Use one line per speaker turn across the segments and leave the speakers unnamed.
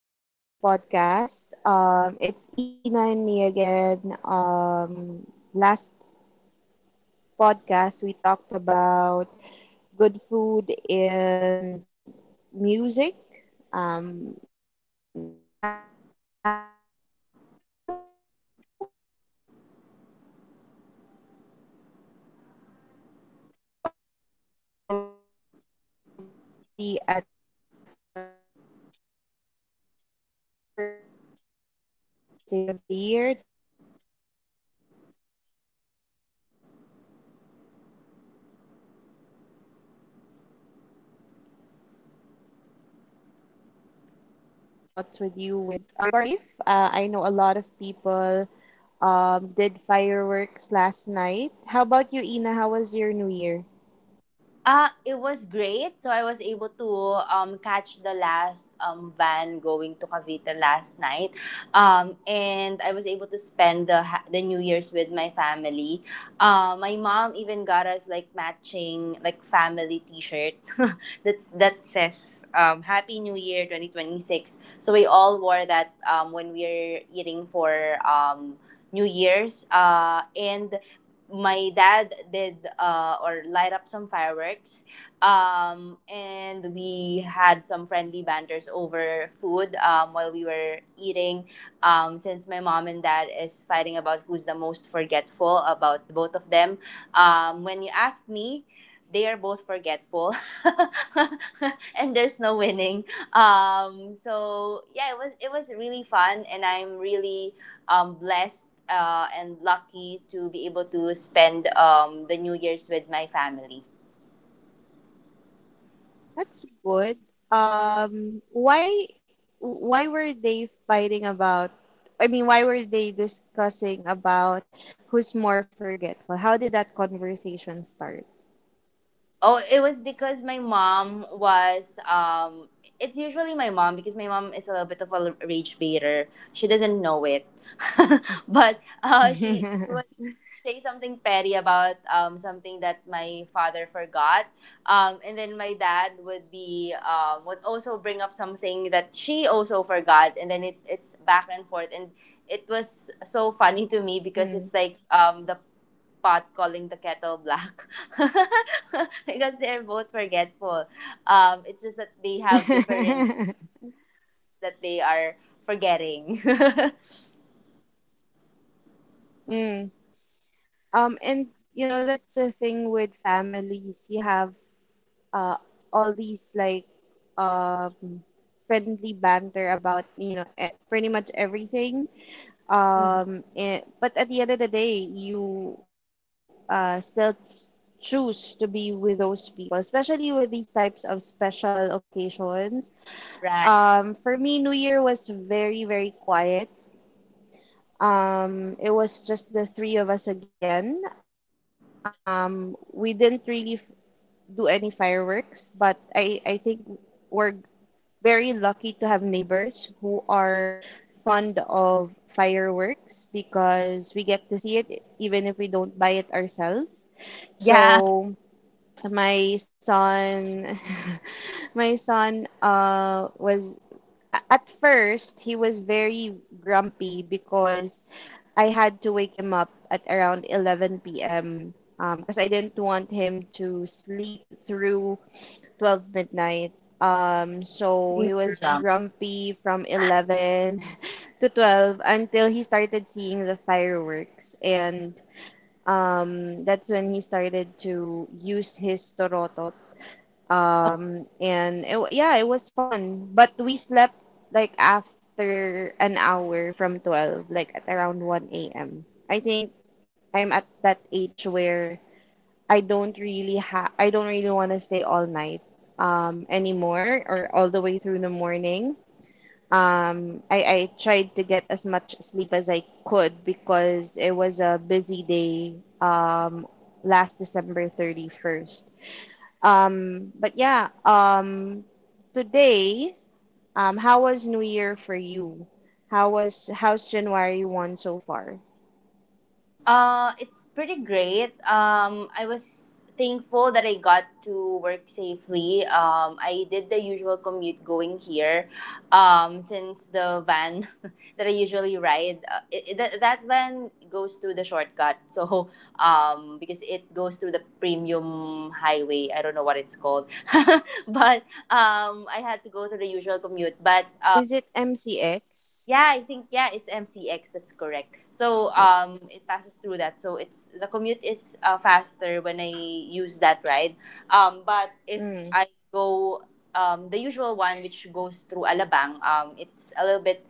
to our podcast. It's Ina and me again. Last podcast we talked about good food and music. Now we are already at the very first day of the year, 2026. And we're here to talk about movies and series again. We want to share our thoughts with you with regarding our favorite movies and series. But before that, I'd like to take the time to greet everybody. Happy New Year! Happy 2026 to everyone. Um, Hope everybody was safe. I know a lot of people did fireworks last night. How about you, Ina? How was your New Year?
It was great. So I was able to catch the last van going to Cavite last night. And I was able to spend the New Year's with my family. My mom even got us like matching like family t-shirt that says Happy New Year 2026. So we all wore that when we were eating for New Year's. And my dad did or light up some fireworks and we had some friendly banters over food while we were eating since my mom and dad is fighting about who's the most forgetful about both of them. When you ask me, they are both forgetful and there's no winning. So yeah, it was really fun and I'm really blessed and lucky to be able to spend the New Year's with my family.
That's good. Um, why why were they fighting about? I mean, why were they discussing about who's more forgetful? How did that conversation start?
Oh, it was because my mom was it's usually my mom because my mom is a little bit of a rage baiter. She doesn't know it. But she would say something petty about something that my father forgot. And then my dad would be would also bring up something that she also forgot, and then it's back and forth. And it was
Hmm.
so funny to me because it's like the pot calling the kettle black because they're both forgetful. It's just that they have different that they are forgetting.
Hmm. And you know, that's the thing with families. You have uh all these um friendly banter about, you know, pretty much everything.
Mhm.
But at the end of the day, you still choose to be with those people, especially with these types of special occasions. For me, New
Right.
Year was very, very quiet. It was just the three of us again. We didn't really do any fireworks, but I think we're very lucky to have neighbors who are fond of fireworks because we get to see it even if we don't buy it ourselves. So
Yeah.
my son my son was at first he was very grumpy because I had to wake him up at around 11 p.m. Because I didn't want him to sleep through 12 midnight. So he was
They need to jump.
grumpy from 11 to 12 until he started seeing the fireworks. And That's when he started to use his torotot. Yeah, it was fun. But we slept like after an hour from 12, like at around 1 a.m. I think I'm at that age where I don't really want to stay all night anymore or all the way through the morning. I tried to get as much sleep as I could because it was a busy day um, last December 31st. Um, but yeah, um, today, how was New Year for you? How's January 1 so far?
It's pretty great. I was thankful that I got to work safely. I did the usual commute going here. Since the van that I usually ride, that van goes through the shortcut. So, because it goes through the premium highway, I don't know what it's called, but I had to go through the usual commute. But
Is it
yeah,
MCX?
I think yeah, it's MCX. That's correct. So
Yes.
it passes through that. So it's the commute is faster when I use that ride. But if I
Mm,
go the usual one, which goes through Alabang, it's a little bit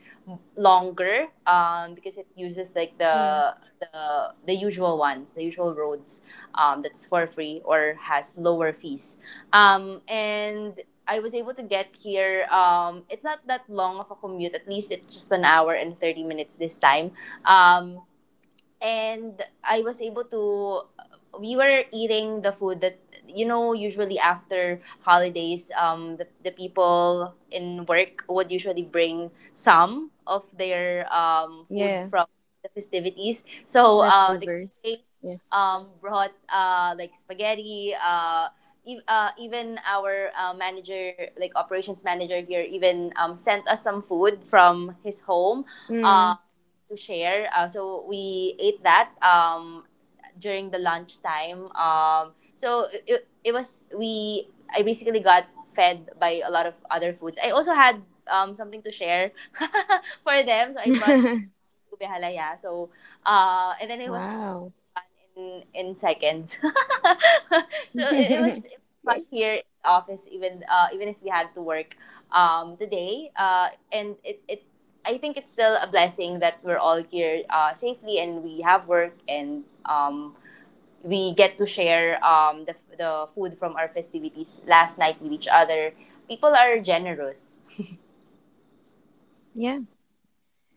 longer. Because it uses like
mm,
the usual ones, the usual roads. That's for free or has lower fees. And I was able to get here. It's not that long of a commute. At least it's just an hour and 30 minutes this time. Um, and I was able to. We were eating the food that, you know, usually after holidays. The people in work would usually bring some of their food
yeah,
from the festivities. So the
leftovers.
QAs
Yes.
brought like spaghetti. Even our manager, like operations manager here, even sent us some food from his home uh
Mm.
to share. So we ate that during the lunch time. So it, it, it was we I basically got fed by a lot of other foods. I also had something to share for them. So I brought ube halaya. So and then it was
Wow.
in seconds. So it was fun here in the office, even even if we had to work today. And it, it I think it's still a blessing that we're all here safely and we have work and, we get to share the food from our festivities last night with each other. People are generous.
Yeah.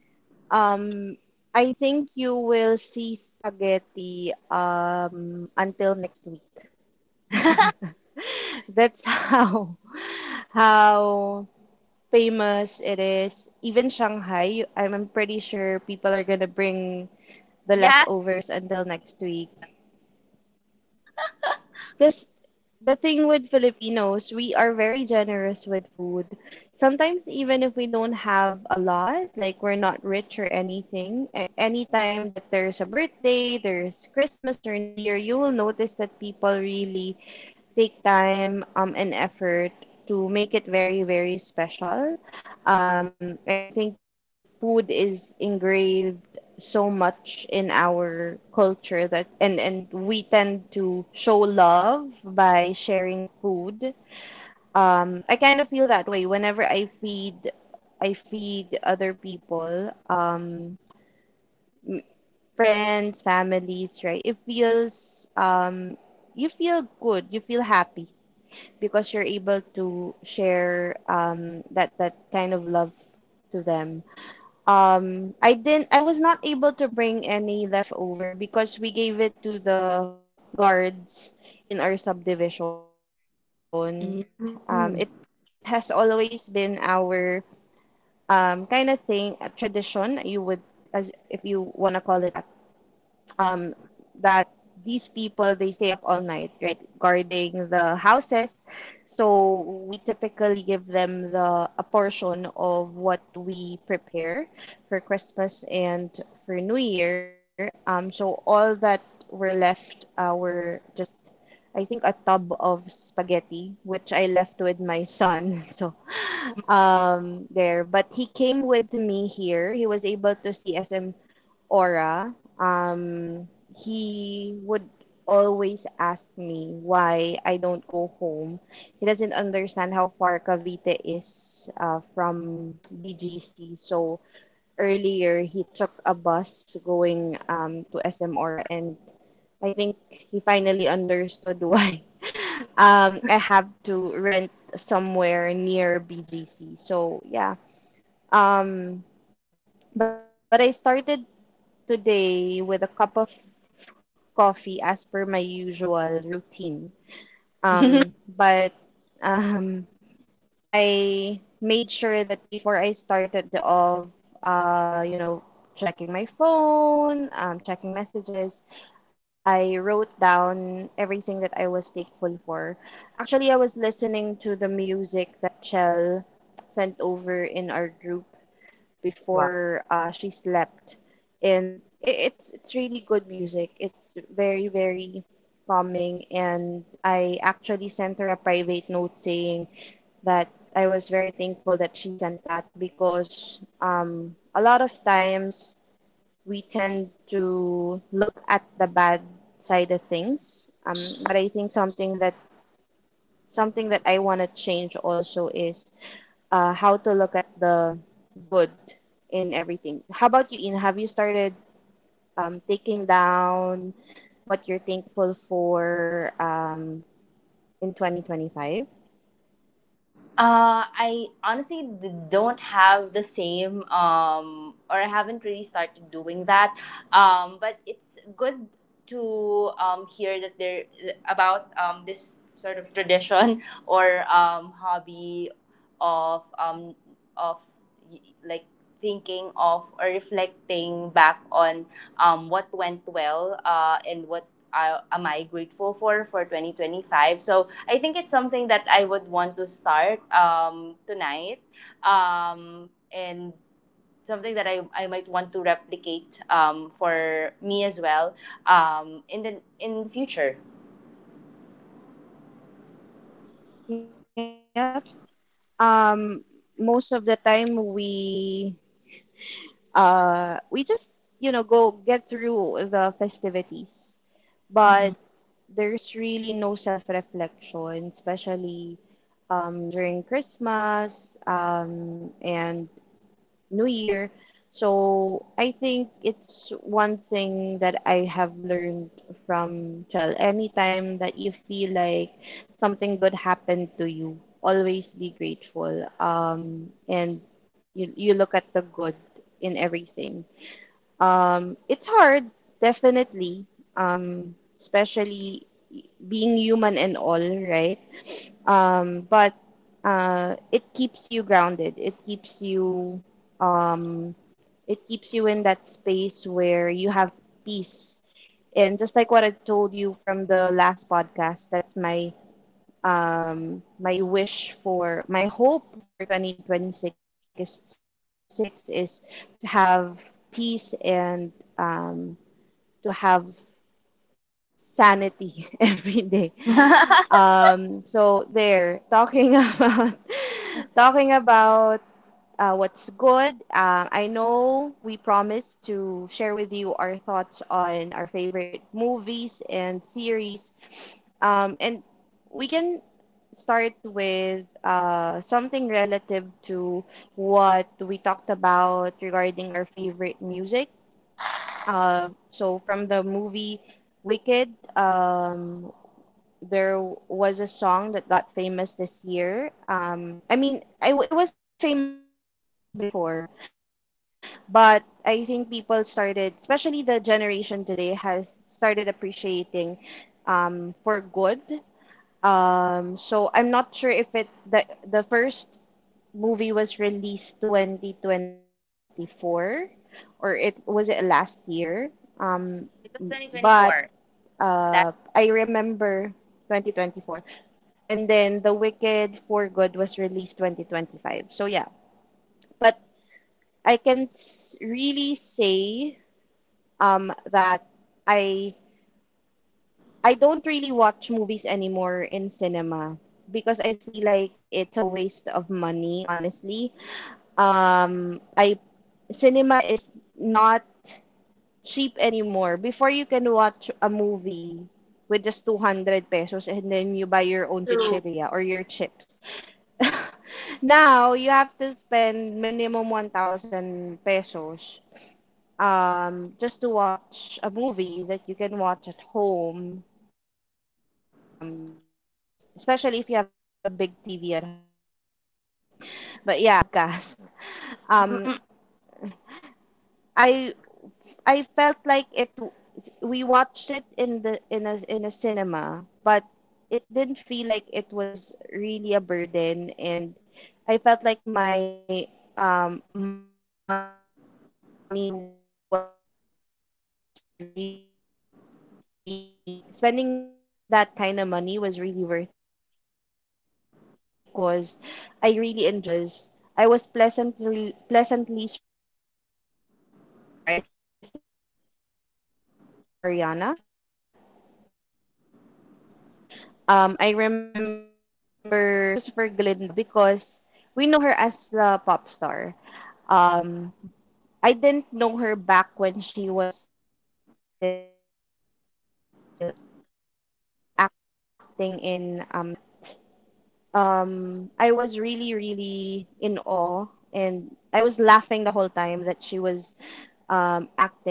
Um, I think you will see spaghetti until next week. That's how famous it is. Even Shanghai, I'm pretty sure people are gonna bring the
Yeah.
leftovers until next week. Because the thing with Filipinos, we are very generous with food. Sometimes, even if we don't have a lot, like we're not rich or anything, anytime that there's a birthday, there's Christmas or New Year, you will notice that people really take time and effort to make it very, very special. I think food is engraved so much in our culture that and we tend to show love by sharing food. I kind of feel that way whenever I feed other people, friends, families, right? It feels you feel good, you feel happy because you're able to share that kind of love to them. I didn't. I was not able to bring any leftover because we gave it to the guards in our subdivision. It has always
Mm.
been our kind of thing, a tradition. You would, as if you wanna call it that, um, that these people they stay up all night, right, guarding the houses. So we typically give them the a portion of what we prepare for Christmas and for New Year. So all that were left were just I think a tub of spaghetti, which I left with my son. So there, but he came with me here. He was able to see SM Aura, um, he would always ask me why I don't go home. He doesn't understand how far Cavite is from BGC, so earlier he took a bus going to SM Aura, and I think he finally understood why I have to rent somewhere near BGC. So yeah. Um, but I started today with a cup of coffee as per my usual routine. But um, I made sure that before I started the of you know, checking my phone, checking messages, I wrote down everything that I was thankful for. Actually, I was listening to the music that Chell sent over in our group before she slept, and it's really good music. It's very very calming, and I actually sent her a private note saying that I was very thankful that she sent that because a lot of times we tend to look at the bad side of things. But I think something that I want to change also is how to look at the good in everything. How about you, In? Have you started taking down what you're thankful for in 2025?
I honestly don't have the same, or I haven't really started doing that. But it's good to hear that there about this sort of tradition or hobby of of like thinking of or reflecting back on what went well and what am I grateful for 2025. So I think it's something that I would want to start tonight, and something that I might want to replicate for me as well in the future.
Yep. Um, most of the time we just you know go get through the festivities, but
Mhm.
there's really no self-reflection, especially during Christmas and New Year. So I think it's one thing that I have learned from Chel. Anytime that you feel like something good happened to you, always be grateful. You look at the good in everything. It's hard, definitely, especially being human and all, right? But It keeps you grounded. Um, it keeps you in that space where you have peace. And just like what I told you from the last podcast, that's my wish for my hope for 2026 is to have peace and to have sanity every day. So there, talking about talking about What's good. I know we promised to share with you our thoughts on our favorite movies and series, and we can start with something relative to what we talked about regarding our favorite music, so from the movie Wicked, um, there was a song that got famous this year. I mean, it was famous before, but I think people started, especially the generation today, has started appreciating for good. So I'm not sure if it the first movie was released 2024 or it was it last year um but
It was 2024.
I
That's
remember 2024, and then The Wicked for Good was released 2025. So yeah, but I can really say that I I don't really watch movies anymore in cinema because I feel like it's a waste of money, honestly. I Cinema is not cheap anymore. Before you can watch a movie with just 200 pesos and then you buy your own
true.
chichiria or your chips. Now you have to spend minimum 1,000 pesos just to watch a movie that you can watch at home, especially if you have a big TV at home. But yeah, setting that aside for a different podcast, um, I I felt like it. We watched it in the in a cinema, but it didn't feel like it was really a burden, and I felt like my money was really spending that kind of money was really worth it because I really enjoyed, especially the first release of the first movie of Wicked because I was pleasantly surprised about Ariana. I remember saying, why is it Ariana who they chose for Glinda? Because we know her as the pop star. Um, I didn't know her back when she was still acting in, I think it's Nickelodeon. Um, but I was really, really in awe, and I was laughing the whole time that she was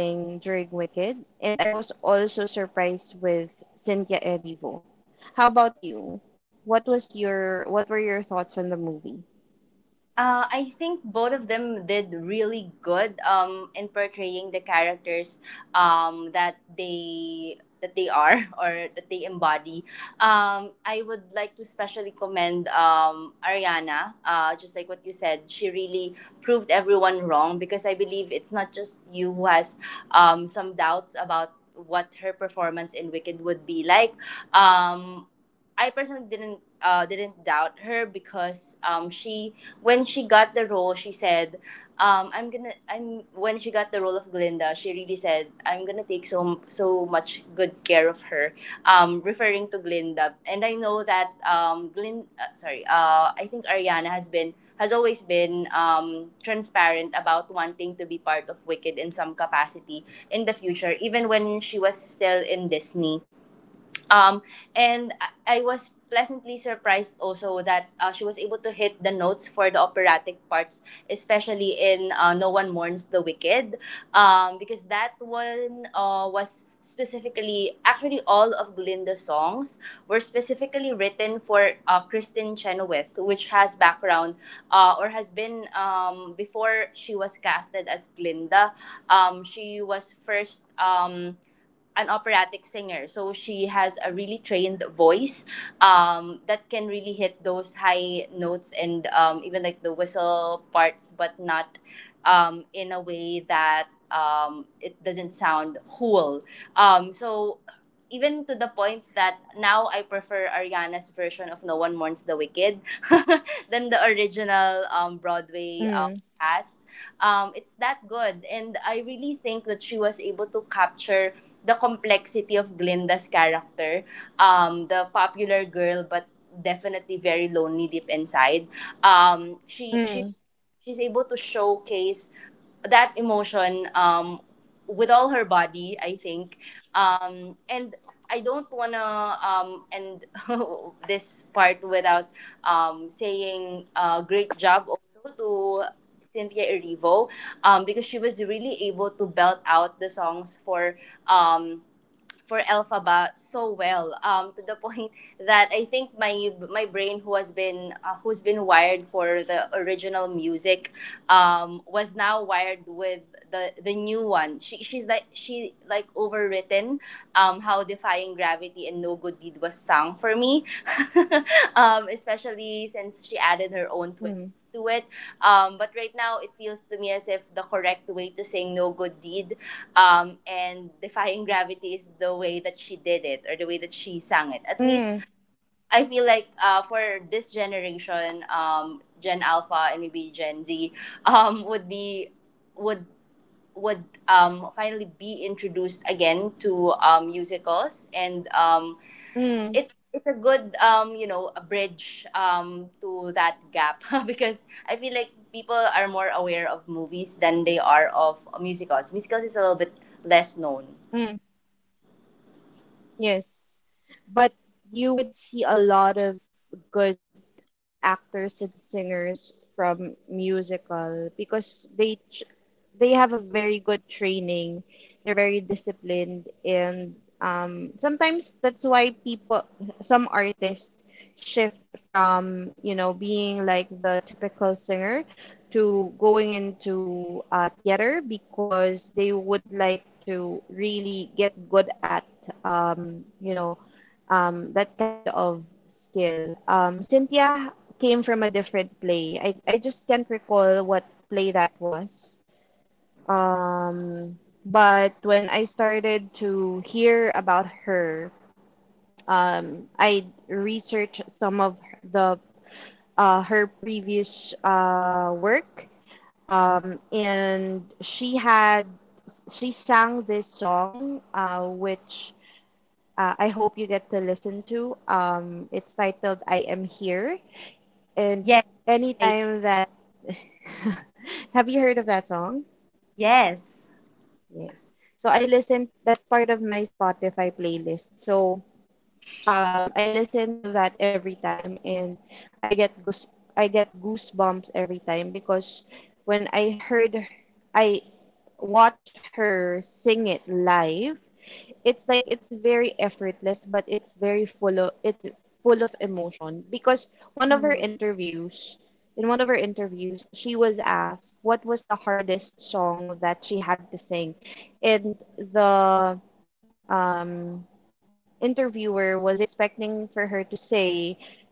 acting during Wicked, and I was also surprised with Cynthia Erivo. How about you? What were your thoughts on the movie?
I think both of them did really good in portraying the characters that they are or that they embody. I would like to especially commend Ariana. Just like what you said, she really proved everyone wrong because I believe it's not just you who has some doubts about what her performance in Wicked would be like. Um, I personally didn't doubt her because she when she got the role, she said, "I'm gonna." I'm When she got the role of Glinda, she really said, "I'm gonna take so so much good care of her," referring to Glinda. And I know that sorry, I think Ariana has been has always been transparent about wanting to be part of Wicked in some capacity in the future, even when she was still in Disney. Um, and I was pleasantly surprised also that she was able to hit the notes for the operatic parts, especially in No One Mourns the Wicked, because that one was specifically, actually, all of Glinda's songs were specifically written for Kristen Chenoweth, which has background or has been before she was casted as Glinda. She was first. An operatic singer. So she has a really trained voice that can really hit those high notes and even like the whistle parts, but not in a way that it doesn't sound cool. So even to the point that now I prefer Ariana's version of No One Mourns the Wicked than the original Broadway cast.
Mm,
It's that good. And I really think that she was able to capture the complexity of Glinda's character, the popular girl but definitely very lonely deep inside. Um, she she
mm,
she's able to showcase that emotion with all her body, I think. And I don't wanna end this part without saying great job also to Cynthia Erivo because she was really able to belt out the songs um, for Elphaba so well to the point that I think my brain who has been who's been wired for the original music was now wired with the new one. She's like she like overwritten how defying gravity and no good deed was sung for me especially since she
mm,
added her own twists to it, but right now it feels to me as if the correct way to sing no good deed and defying gravity is the way that she did it or the way that she sang it. At least
mm,
I feel like for this generation, Gen Alpha and maybe Gen Z, um, would be would would finally be introduced again to musicals and,
mm,
it's a good you know a bridge to that gap. Because I feel like people are more aware of movies than they are of musicals. Musicals is a little bit less
mm.
known.
Yes, but you would see a lot of good actors and singers from musical because they have a very good training. They're very disciplined, and sometimes that's why people, some artists, shift from you know being like the typical singer to going into theater because they would like to really get good at you know that kind of skill. Cynthia came from a different play. I just can't recall what play that was. Um, but when I started to hear about her, I researched some of the her previous work, and she sang this song, which I hope you get to listen to. It's titled "I Am Here." And
Yes. I-
anytime that have you heard of that song?
yes.
Yes. So I listened, that's part of my Spotify playlist. So I listen to that every time, and I get goose I get goosebumps every time because when I heard her- I watched her sing it live. It's like it's very effortless, but it's very full of it's full of emotion because one of her
Mm.
interviews in one of her interviews she was asked what was the hardest song that she had to sing, and the um interviewer was expecting for her to say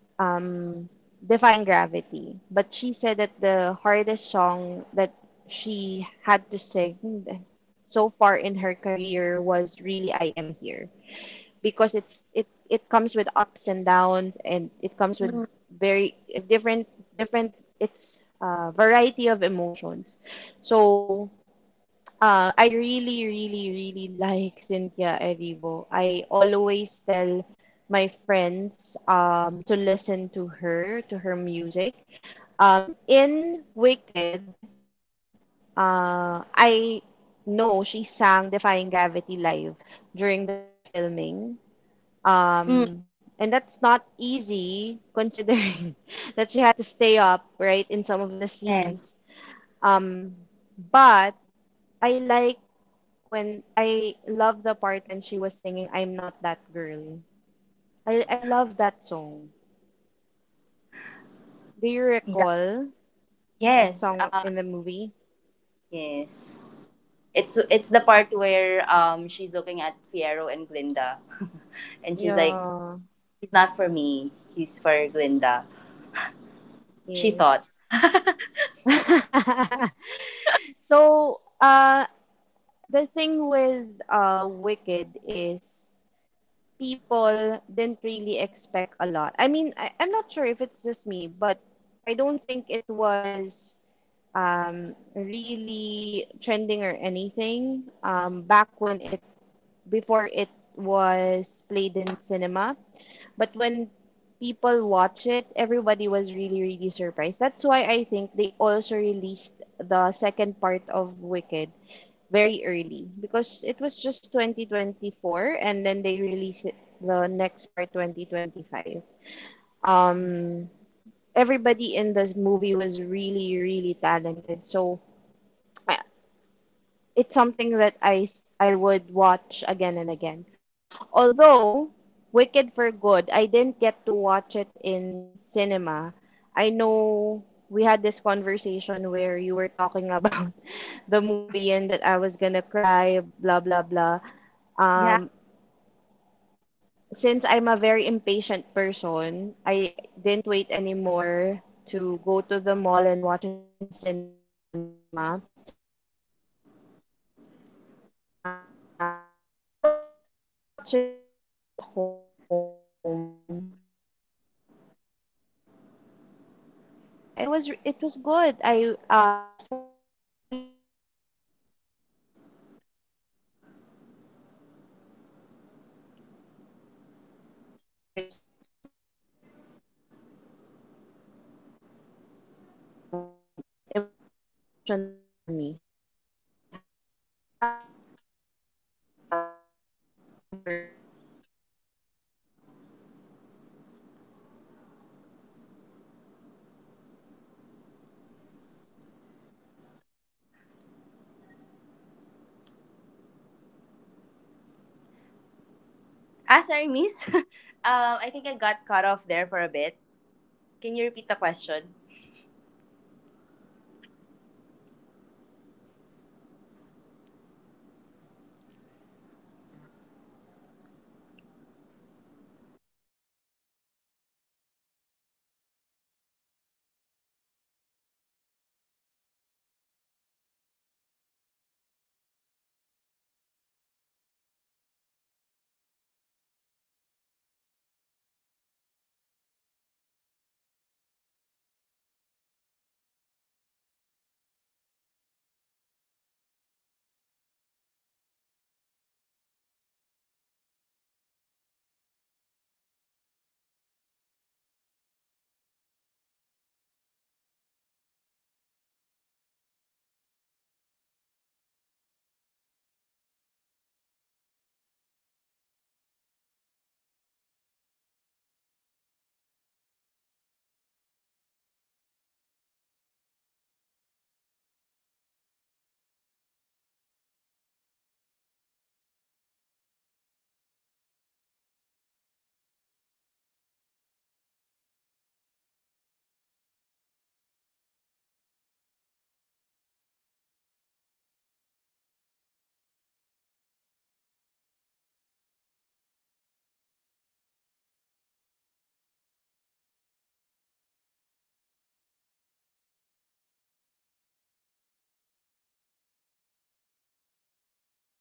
um, Defying Gravity, but she said that the hardest song that she had to sing so far in her career was really I Am Here because it comes with ups and downs, and it comes with
Mm.
very if different it's a variety of emotions. So I really, really, really like Cynthia Erivo. I always tell my friends to listen to her music. In Wicked, I know she sang Defying Gravity live during the filming.
Mm,
And that's not easy considering that she had to stay up, right, in some of the scenes.
yes.
Um, but I like when I love the part when she was singing I'm Not That Girl. I love that song. Do you
Yeah,
recall that
yes,
song in the movie?
yes. It's the part where she's looking at Fiero and Glinda, and she's like,
Yeah,
"He's not for me. He's for Glinda." She
yes.
thought.
So, the thing with Wicked is people didn't really expect a lot. I mean, I'm not sure if it's just me, but I don't think it was really trending or anything back when it was played in cinema. But when people watch it, everybody was really really surprised. That's why I think they also released the second part of Wicked very early, because it was just 2024 and then they released it, the next part 2025. Um, Everybody in this movie was really really talented. So I it's something that I would watch again and again. Although Wicked for Good, I didn't get to watch it in cinema. I know we had this conversation where you were talking about the movie and that I was gonna cry, blah blah blah.
Yeah.
Um, since I'm a very impatient person, I didn't wait anymore to go to the mall and watch it in cinema. I watched it at home, and yeah, it was good. I especially the scene where they sang my favorite song for good. It was really really very emotional for me. How about for you? What was your favorite part in the second in Wicked for Good? Ina, are you still there? Ina?
Ah, sorry, miss. Um, I think I got cut off there for a bit. Can you repeat the question?
I think Ina is just reconnecting, but yeah, we it's something that we have in common where we like um Wicked. We like the songs, but just like what I said from my previous podcast, I don't really, I'm not re I wouldn't say that I'm very well educated about um theater. I just appreciate the ones that become very popular, the songs, and then it when I get really into it, that's when I start to dive into the, you know, the play and all that. And but I'm still a movie girl, I would say. I'm still a series girl, I would say. Ina, how about you? Can you hear us now?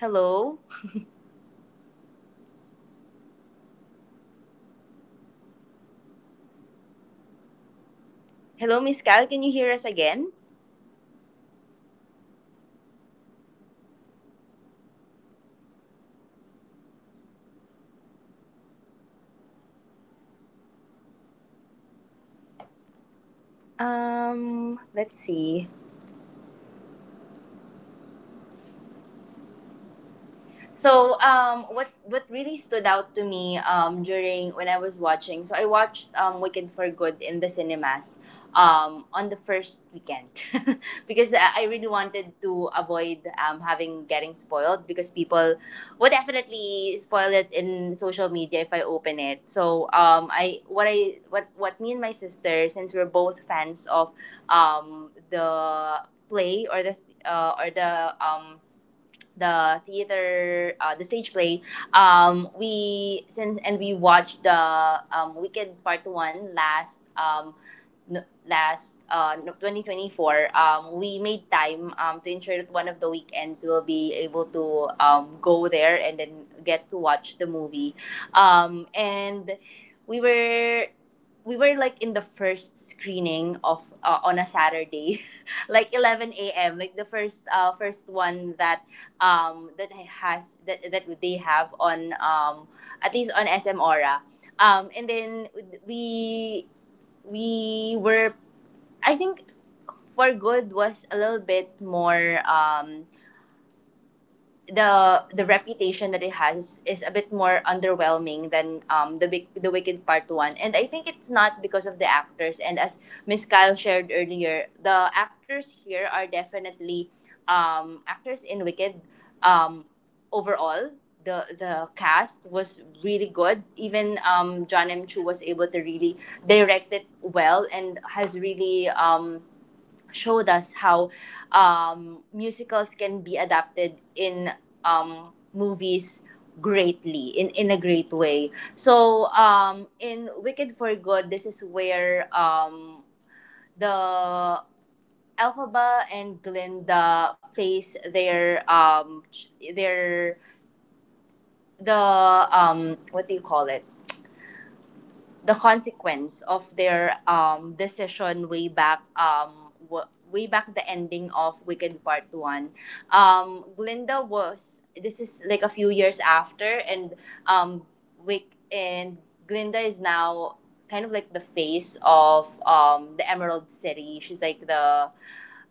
Hello? Hello, Miss Cal, can you hear us again? Let's see. So, what really stood out to me during when I was watching, so I watched Wicked for Good in the cinemas on the first weekend because I really wanted to avoid having getting spoiled because people would definitely spoil it in social media if I open it. So, I what me and my sister, since we're both fans of the play or the uh, or the um, the theater, the stage play. We since and we watched the Wicked Part One last no, 2024. We made time to ensure that one of the weekends we'll be able to go there and then get to watch the movie. And we were we were like in the first screening of on a Saturday, like 11 a.m. Like the first first one that that has that they have on at least on SM Aura. And then we we were I think For Good was a little bit more the reputation that it has is a bit more underwhelming than the the Wicked Part 1, and I think it's not because of the actors. And as Miss Kyle shared earlier, the actors here are definitely, actors in Wicked, um overall the cast was really good. Even John M Chu was able to really direct it well and has really showed us how musicals can be adapted in movies greatly in a great way. So in Wicked For Good, this is where the Elphaba and Glinda face their ch- their the what do you call it, the consequence of their decision way back, way back the ending of Wicked Part 1. Glinda was, this is like a few years after, and um Wick and Glinda is now kind of like the face of the Emerald City. She's like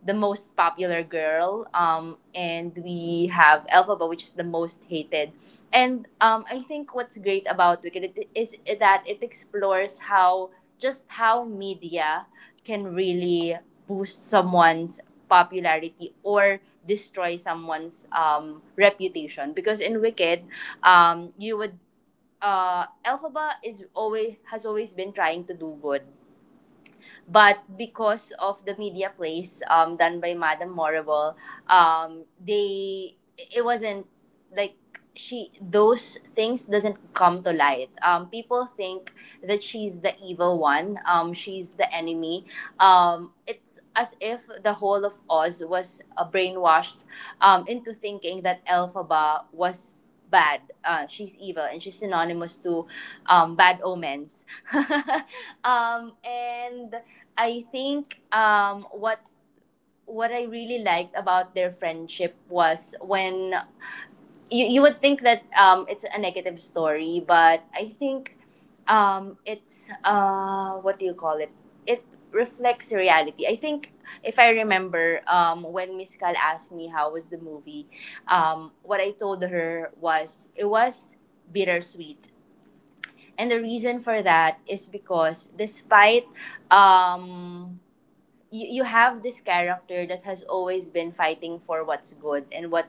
the most popular girl, and we have Elphaba, which is the most hated. And I think what's great about Wicked is that it explores how just how media can really boost someone's popularity or destroy someone's reputation. Because in Wicked, you would, Elphaba is always, has always been trying to do good, but because of the media plays done by Madame Morrible, they it wasn't like, she, those things doesn't come to light. People think that she's the evil one. She's the enemy. It's as if the whole of Oz was brainwashed into thinking that Elphaba was bad. She's evil and she's synonymous to bad omens. And I think what I really liked about their friendship was, when you would think that it's a negative story, but I think it's what do you call it? It reflects reality. I think if I remember, when Miss Cal asked me how was the movie, what I told her was it was bittersweet. And the reason for that is because despite, um, you, you have this character that has always been fighting for what's good and what,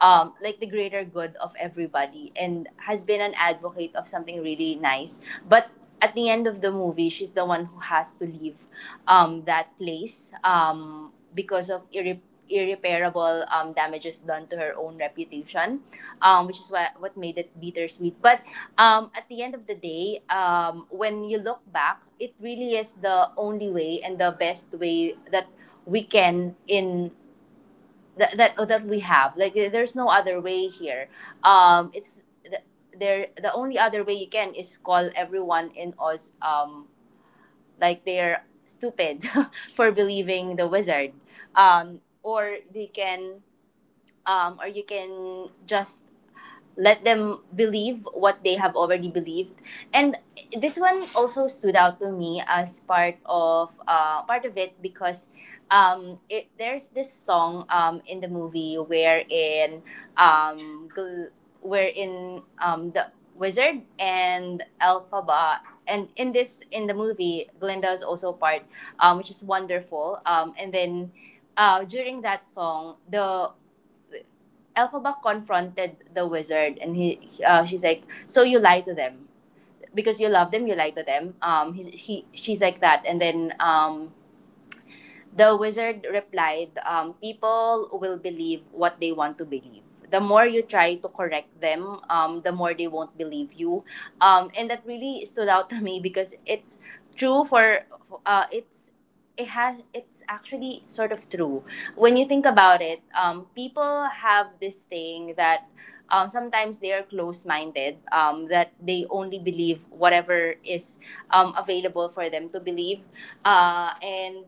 like the greater good of everybody, and has been an advocate of something really nice. But at the end of the movie, she's the one who has to leave, that place, because of irreparable damages done to her own reputation, which is what made it bittersweet. But at the end of the day, when you look back, it really is the only way and the best way that we can in that we have. Like there's no other way here, it's there the only other way you can, is call everyone in Oz like they're stupid for believing the wizard, um or they can or you can just let them believe what they have already believed. And this one also stood out to me as part of it, because it, there's this song in the movie wherein um, gl- wherein the wizard and Elphaba, and in this, in the movie Glinda is also part, which is wonderful, and then during that song the Elphaba confronted the wizard, and she's like, "So you lie to them because you love them, you lie to them." She's like that, and then the wizard replied, "People will believe what they want to believe. The more you try to correct them, the more they won't believe you." And that really stood out to me, because it's true for, it's it has it's actually sort of true when you think about it. People have this thing that, sometimes they are close-minded, that they only believe whatever is available for them to believe, and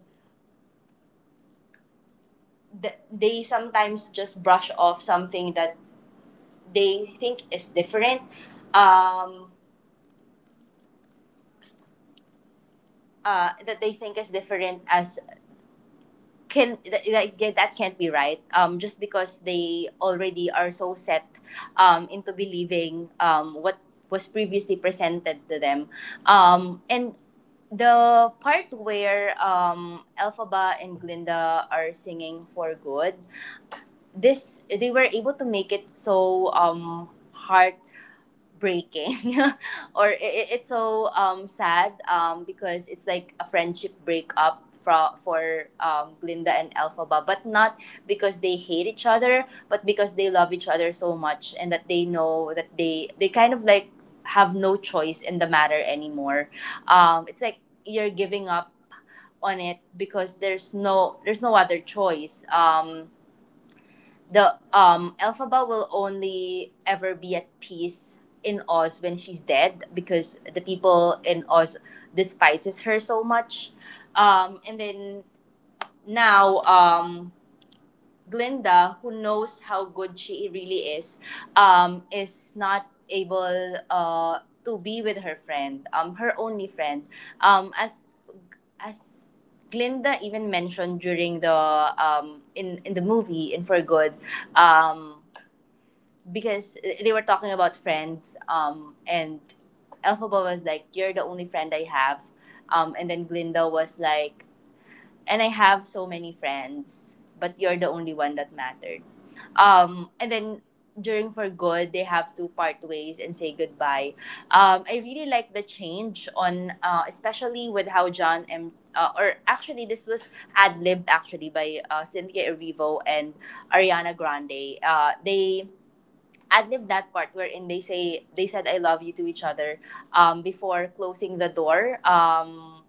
they sometimes just brush off something that they think is different, um that they think is different as, can that can't be right, just because they already are so set into believing what was previously presented to them. And The part where Elphaba and Glinda are singing For Good, this they were able to make it so heart breaking or it's so sad. Because it's like a friendship breakup, for Glinda and Elphaba, but not because they hate each other, but because they love each other so much, and that they know that they kind of like have no choice in the matter anymore. It's like you're giving up on it because there's no other choice. The Elphaba will only ever be at peace in Oz when she's dead, because the people in Oz despises her so much. And then now Glinda, who knows how good she really is not able to be with her friend, her only friend. Um, as as Glinda even mentioned during the, in the movie, in For Good, um because they were talking about friends, and Elphaba was like, "You're the only friend I have," and then Glinda was like, "And I have so many friends, but you're the only one that mattered." And then during For Good, they have to part ways and say goodbye. I really like the change on, especially with how John M or actually this was ad-libbed actually by Cynthia Erivo and Ariana Grande. They ad lib that part wherein they said I love you to each other, before closing the door,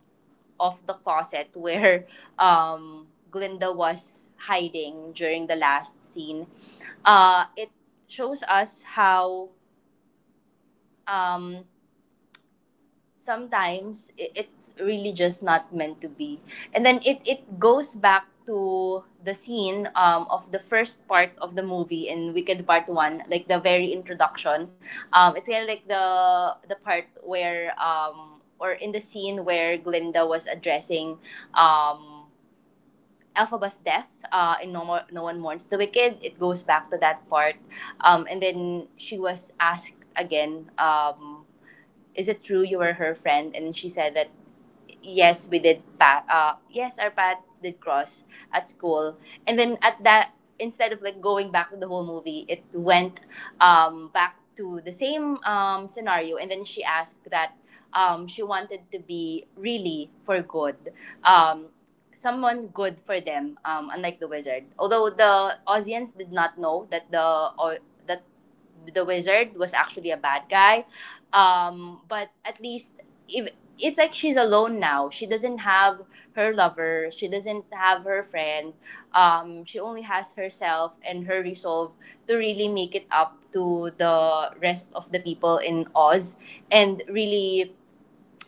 of the closet, where Glinda was hiding during the last scene. It shows us how, um, sometimes it's really just not meant to be. And then it goes back to the scene of the first part of the movie in Wicked Part One, like the very introduction. It's kind of like the part where, or in the scene where Glinda was addressing um Elphaba's death, in No One Mourns the Wicked, it goes back to that part. And then she was asked again, "Is it true you were her friend?" And she said that, "Yes, yes, our paths did cross at school." And then at that, instead of like going back to the whole movie, it went back to the same scenario. And then she asked that, she wanted to be really For Good. Um Someone good for them, unlike the wizard. Although the audience did not know that the, or that the wizard was actually a bad guy, but at least, if, it's like she's alone now. She doesn't have her lover. She doesn't have her friend. She only has herself and her resolve to really make it up to the rest of the people in Oz, and really,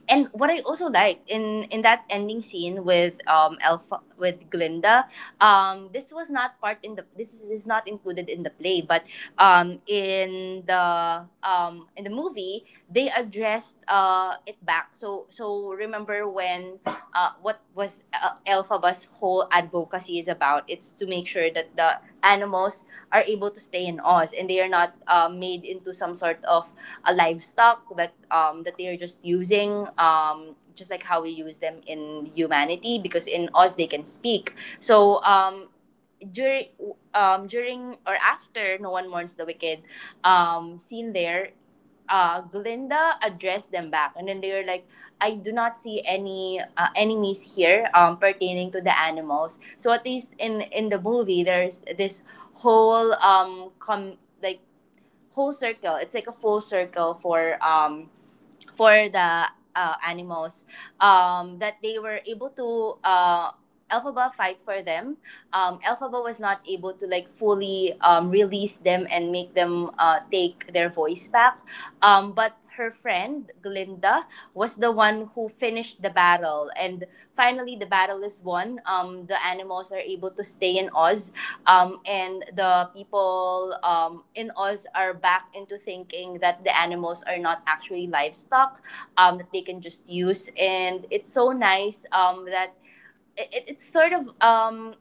and what I also liked in that ending scene with Alpha with Glinda, this was not part in the, this is not included in the play, but in the movie they addressed it back. So, so remember when, what was Elphaba's whole advocacy is about? It's to make sure that the animals are able to stay in Oz, and they are not made into some sort of a livestock that, that they are just using, just like how we use them in humanity, because in us they can speak. So, during during or after No One Mourns the Wicked, scene there, Glinda addressed them back, and then they were like, "I do not see any enemies here, pertaining to the animals." So at least in the movie, there's this whole com like whole circle. It's like a full circle for, the animals, that they were able to, Elphaba fight for them. Elphaba was not able to like fully release them and make them take their voice back. But her friend Glinda was the one who finished the battle, and finally the battle is won. The animals are able to stay in Oz, and the people, in us are back into thinking that the animals are not actually livestock, that they can just use. And it's so nice, that it's sort of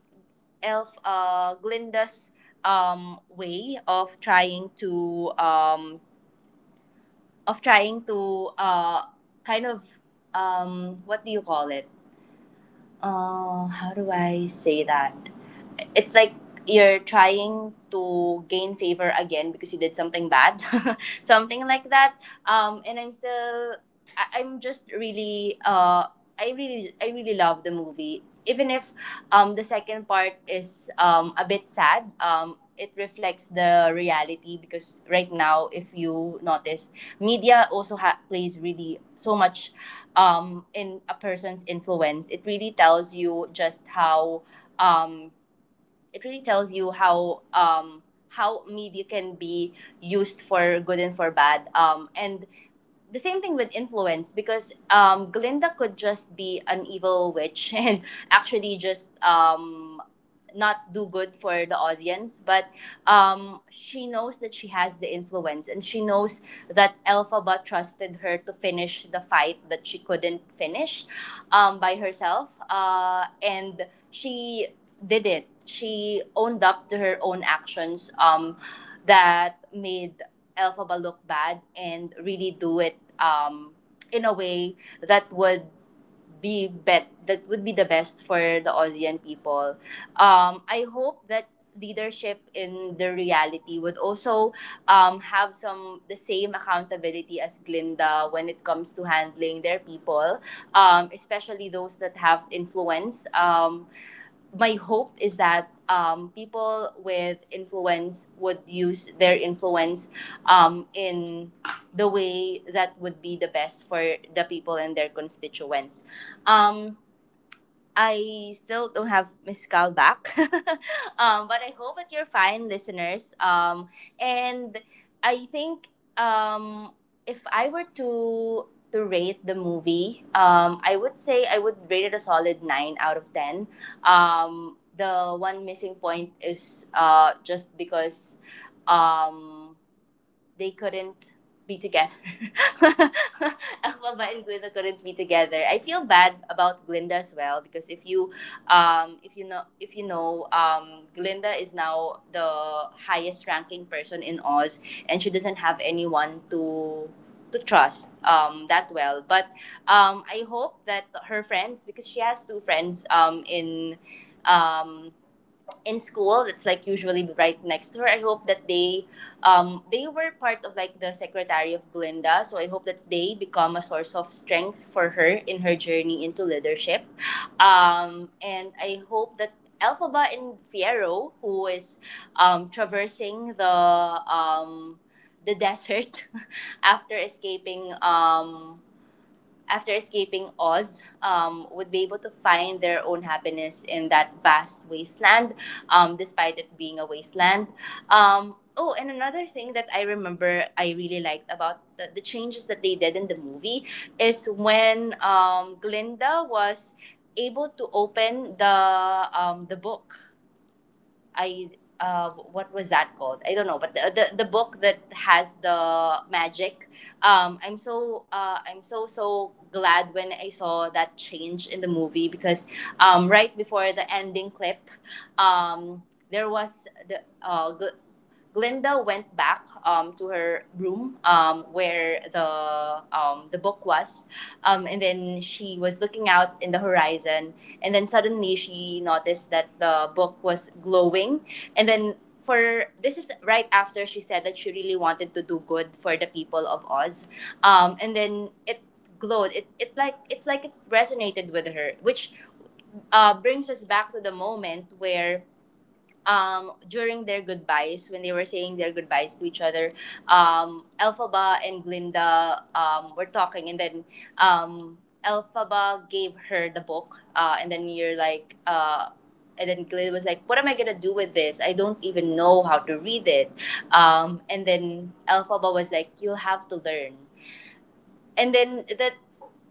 elf Glinda's way of trying to, of trying to, kind of what do you call it, how do I say that, it's like you're trying to gain favor again because you did something bad, something like that. And I'm still, I'm just really, I really love the movie. Even if the second part is a bit sad, it reflects the reality because right now, if you notice, media also plays really so much in a person's influence. It really tells you um, it really tells you how um, how media can be used for good and for bad, and the same thing with influence because Glinda could just be an evil witch and actually just not do good for the audience. But she knows that she has the influence, and she knows that Elphaba trusted her to finish the fight that she couldn't finish by herself. And she did it. She owned up to her own actions that made Elphaba look bad, and really do it in a way that would be bet that would be the best for the ASEAN people. I hope that leadership in the reality would also have some the same accountability as Glinda when it comes to handling their people, especially those that have influence. My hope is that people with influence would use their influence in the way that would be the best for the people and their constituents. Um, I still don't have Miss Cal back. But I hope that you're fine, listeners. And I think, um, if I were to rate the movie, I would say I would rate it a solid 9 out of 10. The one missing point is just because um, they couldn't be together. Elphaba and Glinda couldn't be together. I feel bad about Glinda as well, because if you know, Glinda is now the highest ranking person in Oz, and she doesn't have anyone to trust that well. But I hope that her friends, because she has two friends um, in school, that's like usually right next to her. I hope that they were part of like the secretary of Glinda, so I hope that they become a source of strength for her in her journey into leadership. And I hope that Elphaba and Fiero, who is traversing the desert after escaping um, after escaping Oz, would be able to find their own happiness in that vast wasteland, despite it being a wasteland. Oh, and another thing that I remember I really liked about the changes that they did in the movie is when Glinda was able to open the book I What was that called? I don't know, but the book that has the magic. I'm so glad when I saw that change in the movie, because right before the ending clip, um, there was the Glinda went back to her room, where the book was, and then she was looking out in the horizon, and then suddenly she noticed that the book was glowing, and then for This is right after she said that she really wanted to do good for the people of Oz, and then it glowed, it's like it resonated with her, which brings us back to the moment where, during their goodbyes, when they were saying their goodbyes to each other, Elphaba and Glinda were talking, and then um, Elphaba gave her the book, and then you're like, and then Glinda was like, "What am I gonna do with this? I don't even know how to read it." And then Elphaba was like, "You'll have to learn." And then, that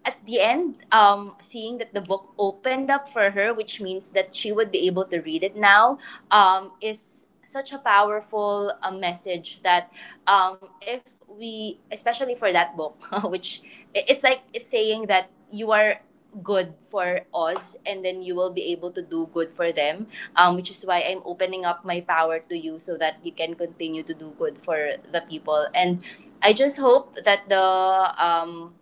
at the end, seeing that the book opened up for her, which means that she would be able to read it now, is such a powerful message that, if we, especially for that book, which, it's like it's saying that you are good for us and then you will be able to do good for them, which is why I'm opening up my power to you, so that you can continue to do good for the people. And I just hope that um,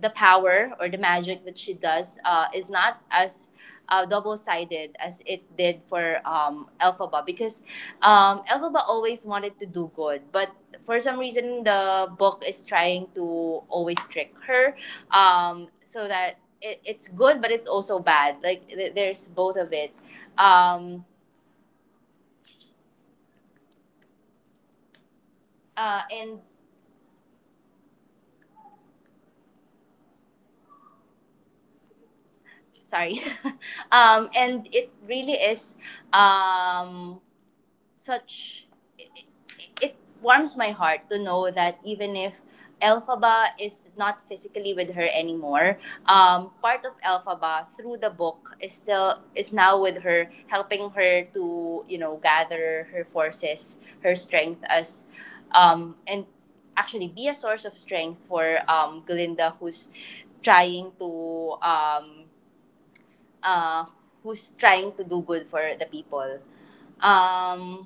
the power or the magic that she does is not as double-sided as it did for Elphaba, because Elphaba always wanted to do good, but for some reason the book is trying to always trick her, so that it's good, but it's also bad. Like there's both of it. Um, uh, and sorry, and it really is um, such it, it warms my heart to know that, even if Elphaba is not physically with her anymore, part of Elphaba through the book is now with her, helping her to gather her forces, her strength, and actually be a source of strength for Glinda trying to um, uh, who's trying to do good for the people. Um,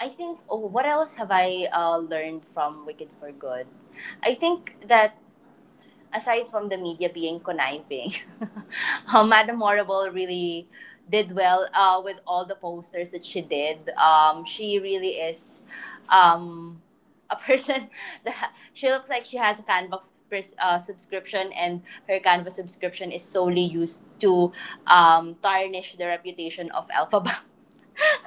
I think, oh, what else have I learned from Wicked for Good? I think that, aside from the media being conniving, Madame Horrible really did well with all the posters that she did. She really is um, a person that she looks like she has a Canva subscription, and her Canva subscription is solely used to tarnish the reputation of Alphabet.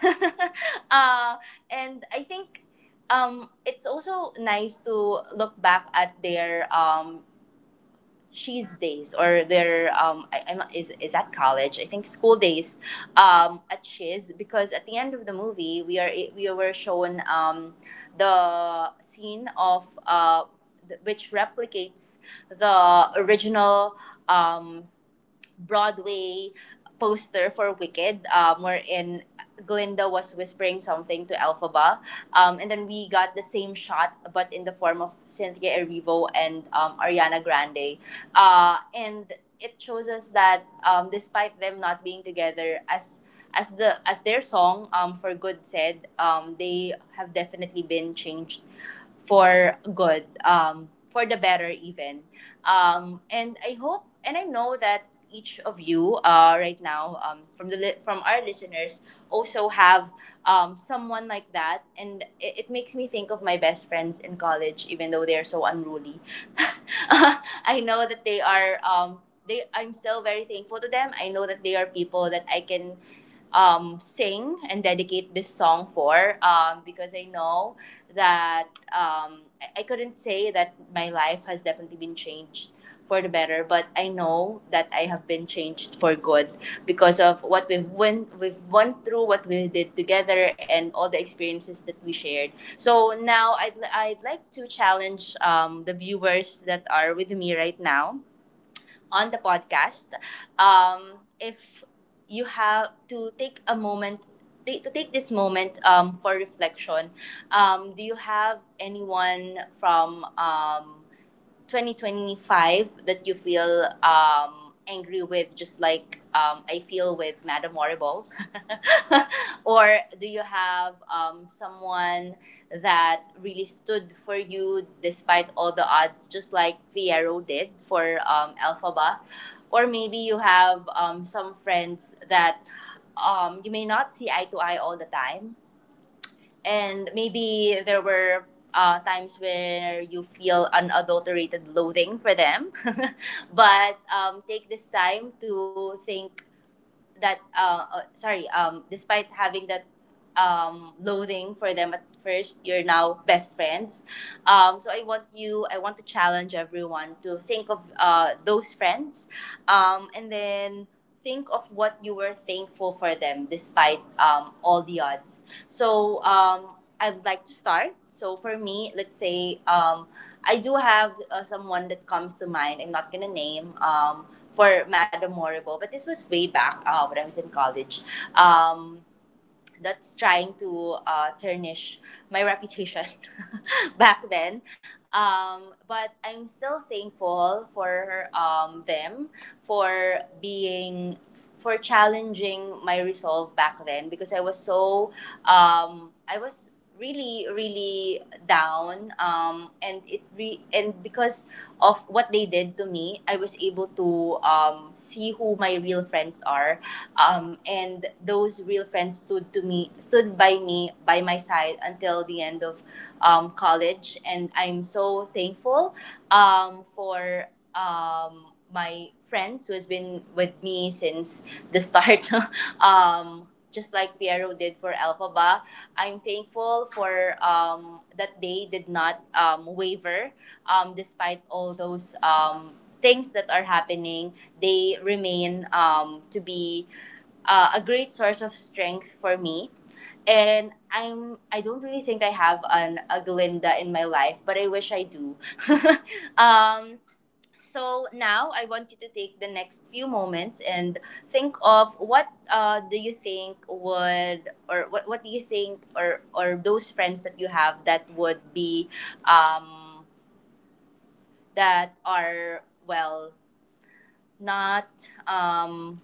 uh, and I think it's also nice to look back at their, cheese days, or their, is that college? I think school days at cheese, because at the end of the movie we were shown the scene of, which replicates the original, um, Broadway poster for Wicked, wherein Glinda was whispering something to Elphaba, and then we got the same shot, but in the form of Cynthia Erivo and Ariana Grande, and it shows us that, despite them not being together as their song, for good said, they have definitely been changed for good, for the better, even. And I hope and I know that each of you right now, from our listeners, also have someone like that, and it makes me think of my best friends in college, even though they are so unruly. I know that they are they I'm still very thankful to them. I know that they are people that I can, sing and dedicate this song for, because I know that, I couldn't say that my life has definitely been changed for the better, but I know that I have been changed for good because of what we've went through, what we did together, and all the experiences that we shared. So now I'd like to challenge the viewers that are with me right now on the podcast. If you have to take a moment, to take this moment for reflection, do you have anyone from 2025 that you feel angry with, just like, I feel with Madame Horrible? Or do you have someone that really stood for you despite all the odds, just like Fiero did for Alphaba? Or maybe you have some friends that, you may not see eye to eye all the time, and maybe there were times where you feel unadulterated loathing for them. But take this time to think that, sorry, despite having that loathing for them at first, you're now best friends. So I want to challenge everyone to think of those friends, and then think of what you were thankful for them, despite all the odds. So I'd like to start. So for me, let's say, I do have someone that comes to mind. I'm not gonna name for Madam Morrible, but this was way back when I was in college. Um, that's trying to tarnish my reputation back then. But I'm still thankful for them, for being for challenging my resolve back then, because I was so, I was really really down, and because of what they did to me, I was able to see who my real friends are, and those real friends stood by me, by my side, until the end of college, and I'm so thankful for my friends who has been with me since the start. Just like Piero did for Alphaba, I'm thankful for that they did not waver, despite all those things that are happening. They remain, to be a great source of strength for me. And I don't really think I have an a Glinda in my life, but I wish I do. um, so now I want you to take the next few moments and think of what do you think would, or what do you think, or those friends that you have that would be, um, that are, well, not, um,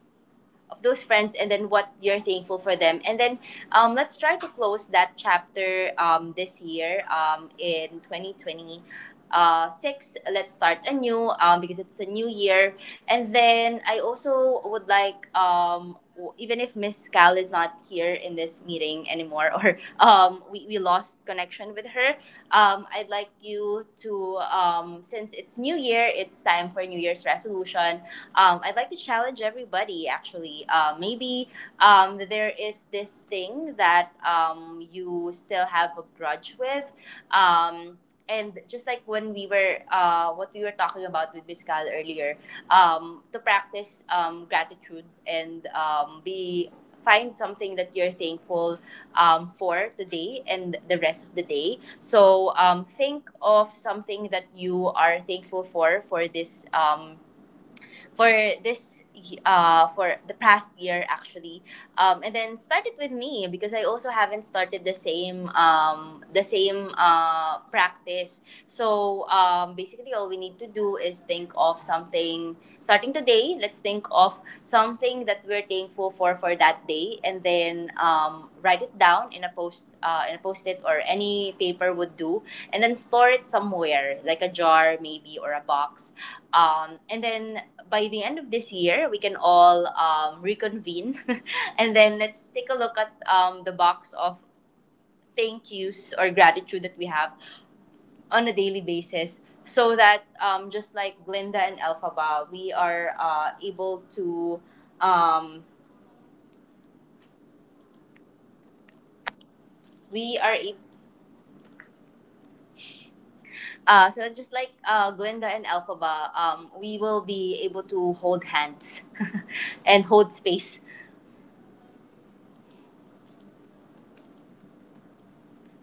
of those friends, and then what you're thankful for them, and then let's try to close that chapter, this year, in 2020, six. Let's start anew, because it's a new year. And then I also would like, even if Miss Cal is not here in this meeting anymore, or we lost connection with her. I'd like you to, since it's new year, it's time for New Year's resolution. I'd like to challenge everybody, actually. Maybe there is this thing that you still have a grudge with. Um, and just like when we were what we were talking about with Biscal earlier, to practice gratitude, and be find something that you're thankful, for today and the rest of the day. So think of something that you are thankful for this, for for the past year, actually. And then started with me, because I also haven't started the same practice. So basically, all we need to do is think of something. Starting today, let's think of something that we're thankful for that day, and then write it down in a post in a post-it, or any paper would do. And then store it somewhere, like a jar maybe, or a box. And then by the end of this year, we can all reconvene, and then let's take a look at the box of thank yous or gratitude that we have on a daily basis, so that, just like Glinda and Elphaba, um, we are, ab- so just like Glinda and Elphaba, we will be able to hold hands, and hold space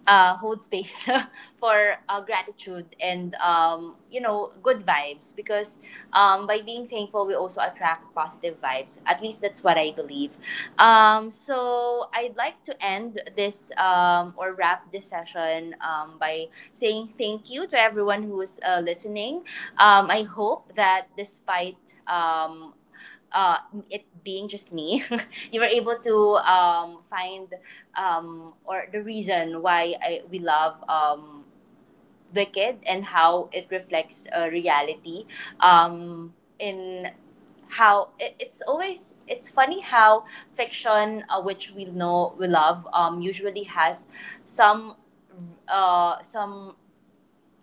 uh, hold space, for gratitude and good vibes, because by being thankful we also attract positive vibes. At least that's what I believe. So I'd like to end this, or wrap this session, by saying thank you to everyone who's listening. I hope that despite, uh, it being just me, you were able to find, or the reason why we love Wicked, and how it reflects reality, in how it's always, it's funny how fiction, which we know we love, usually has some, uh, some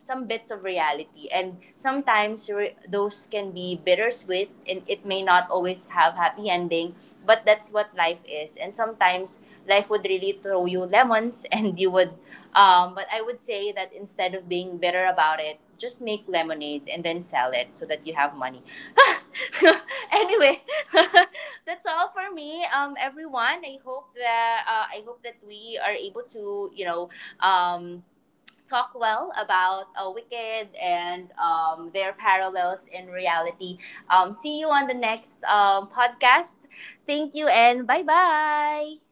bits of reality, and sometimes, those can be bittersweet, and it may not always have happy ending. But that's what life is, and sometimes life would really throw you lemons, and you would but I would say that instead of being bitter about it, just make lemonade and then sell it so that you have money. Anyway. That's all for me. Everyone, I hope that we are able to um talk well about Wicked and their parallels in reality. See you on the next podcast. Thank you and bye bye.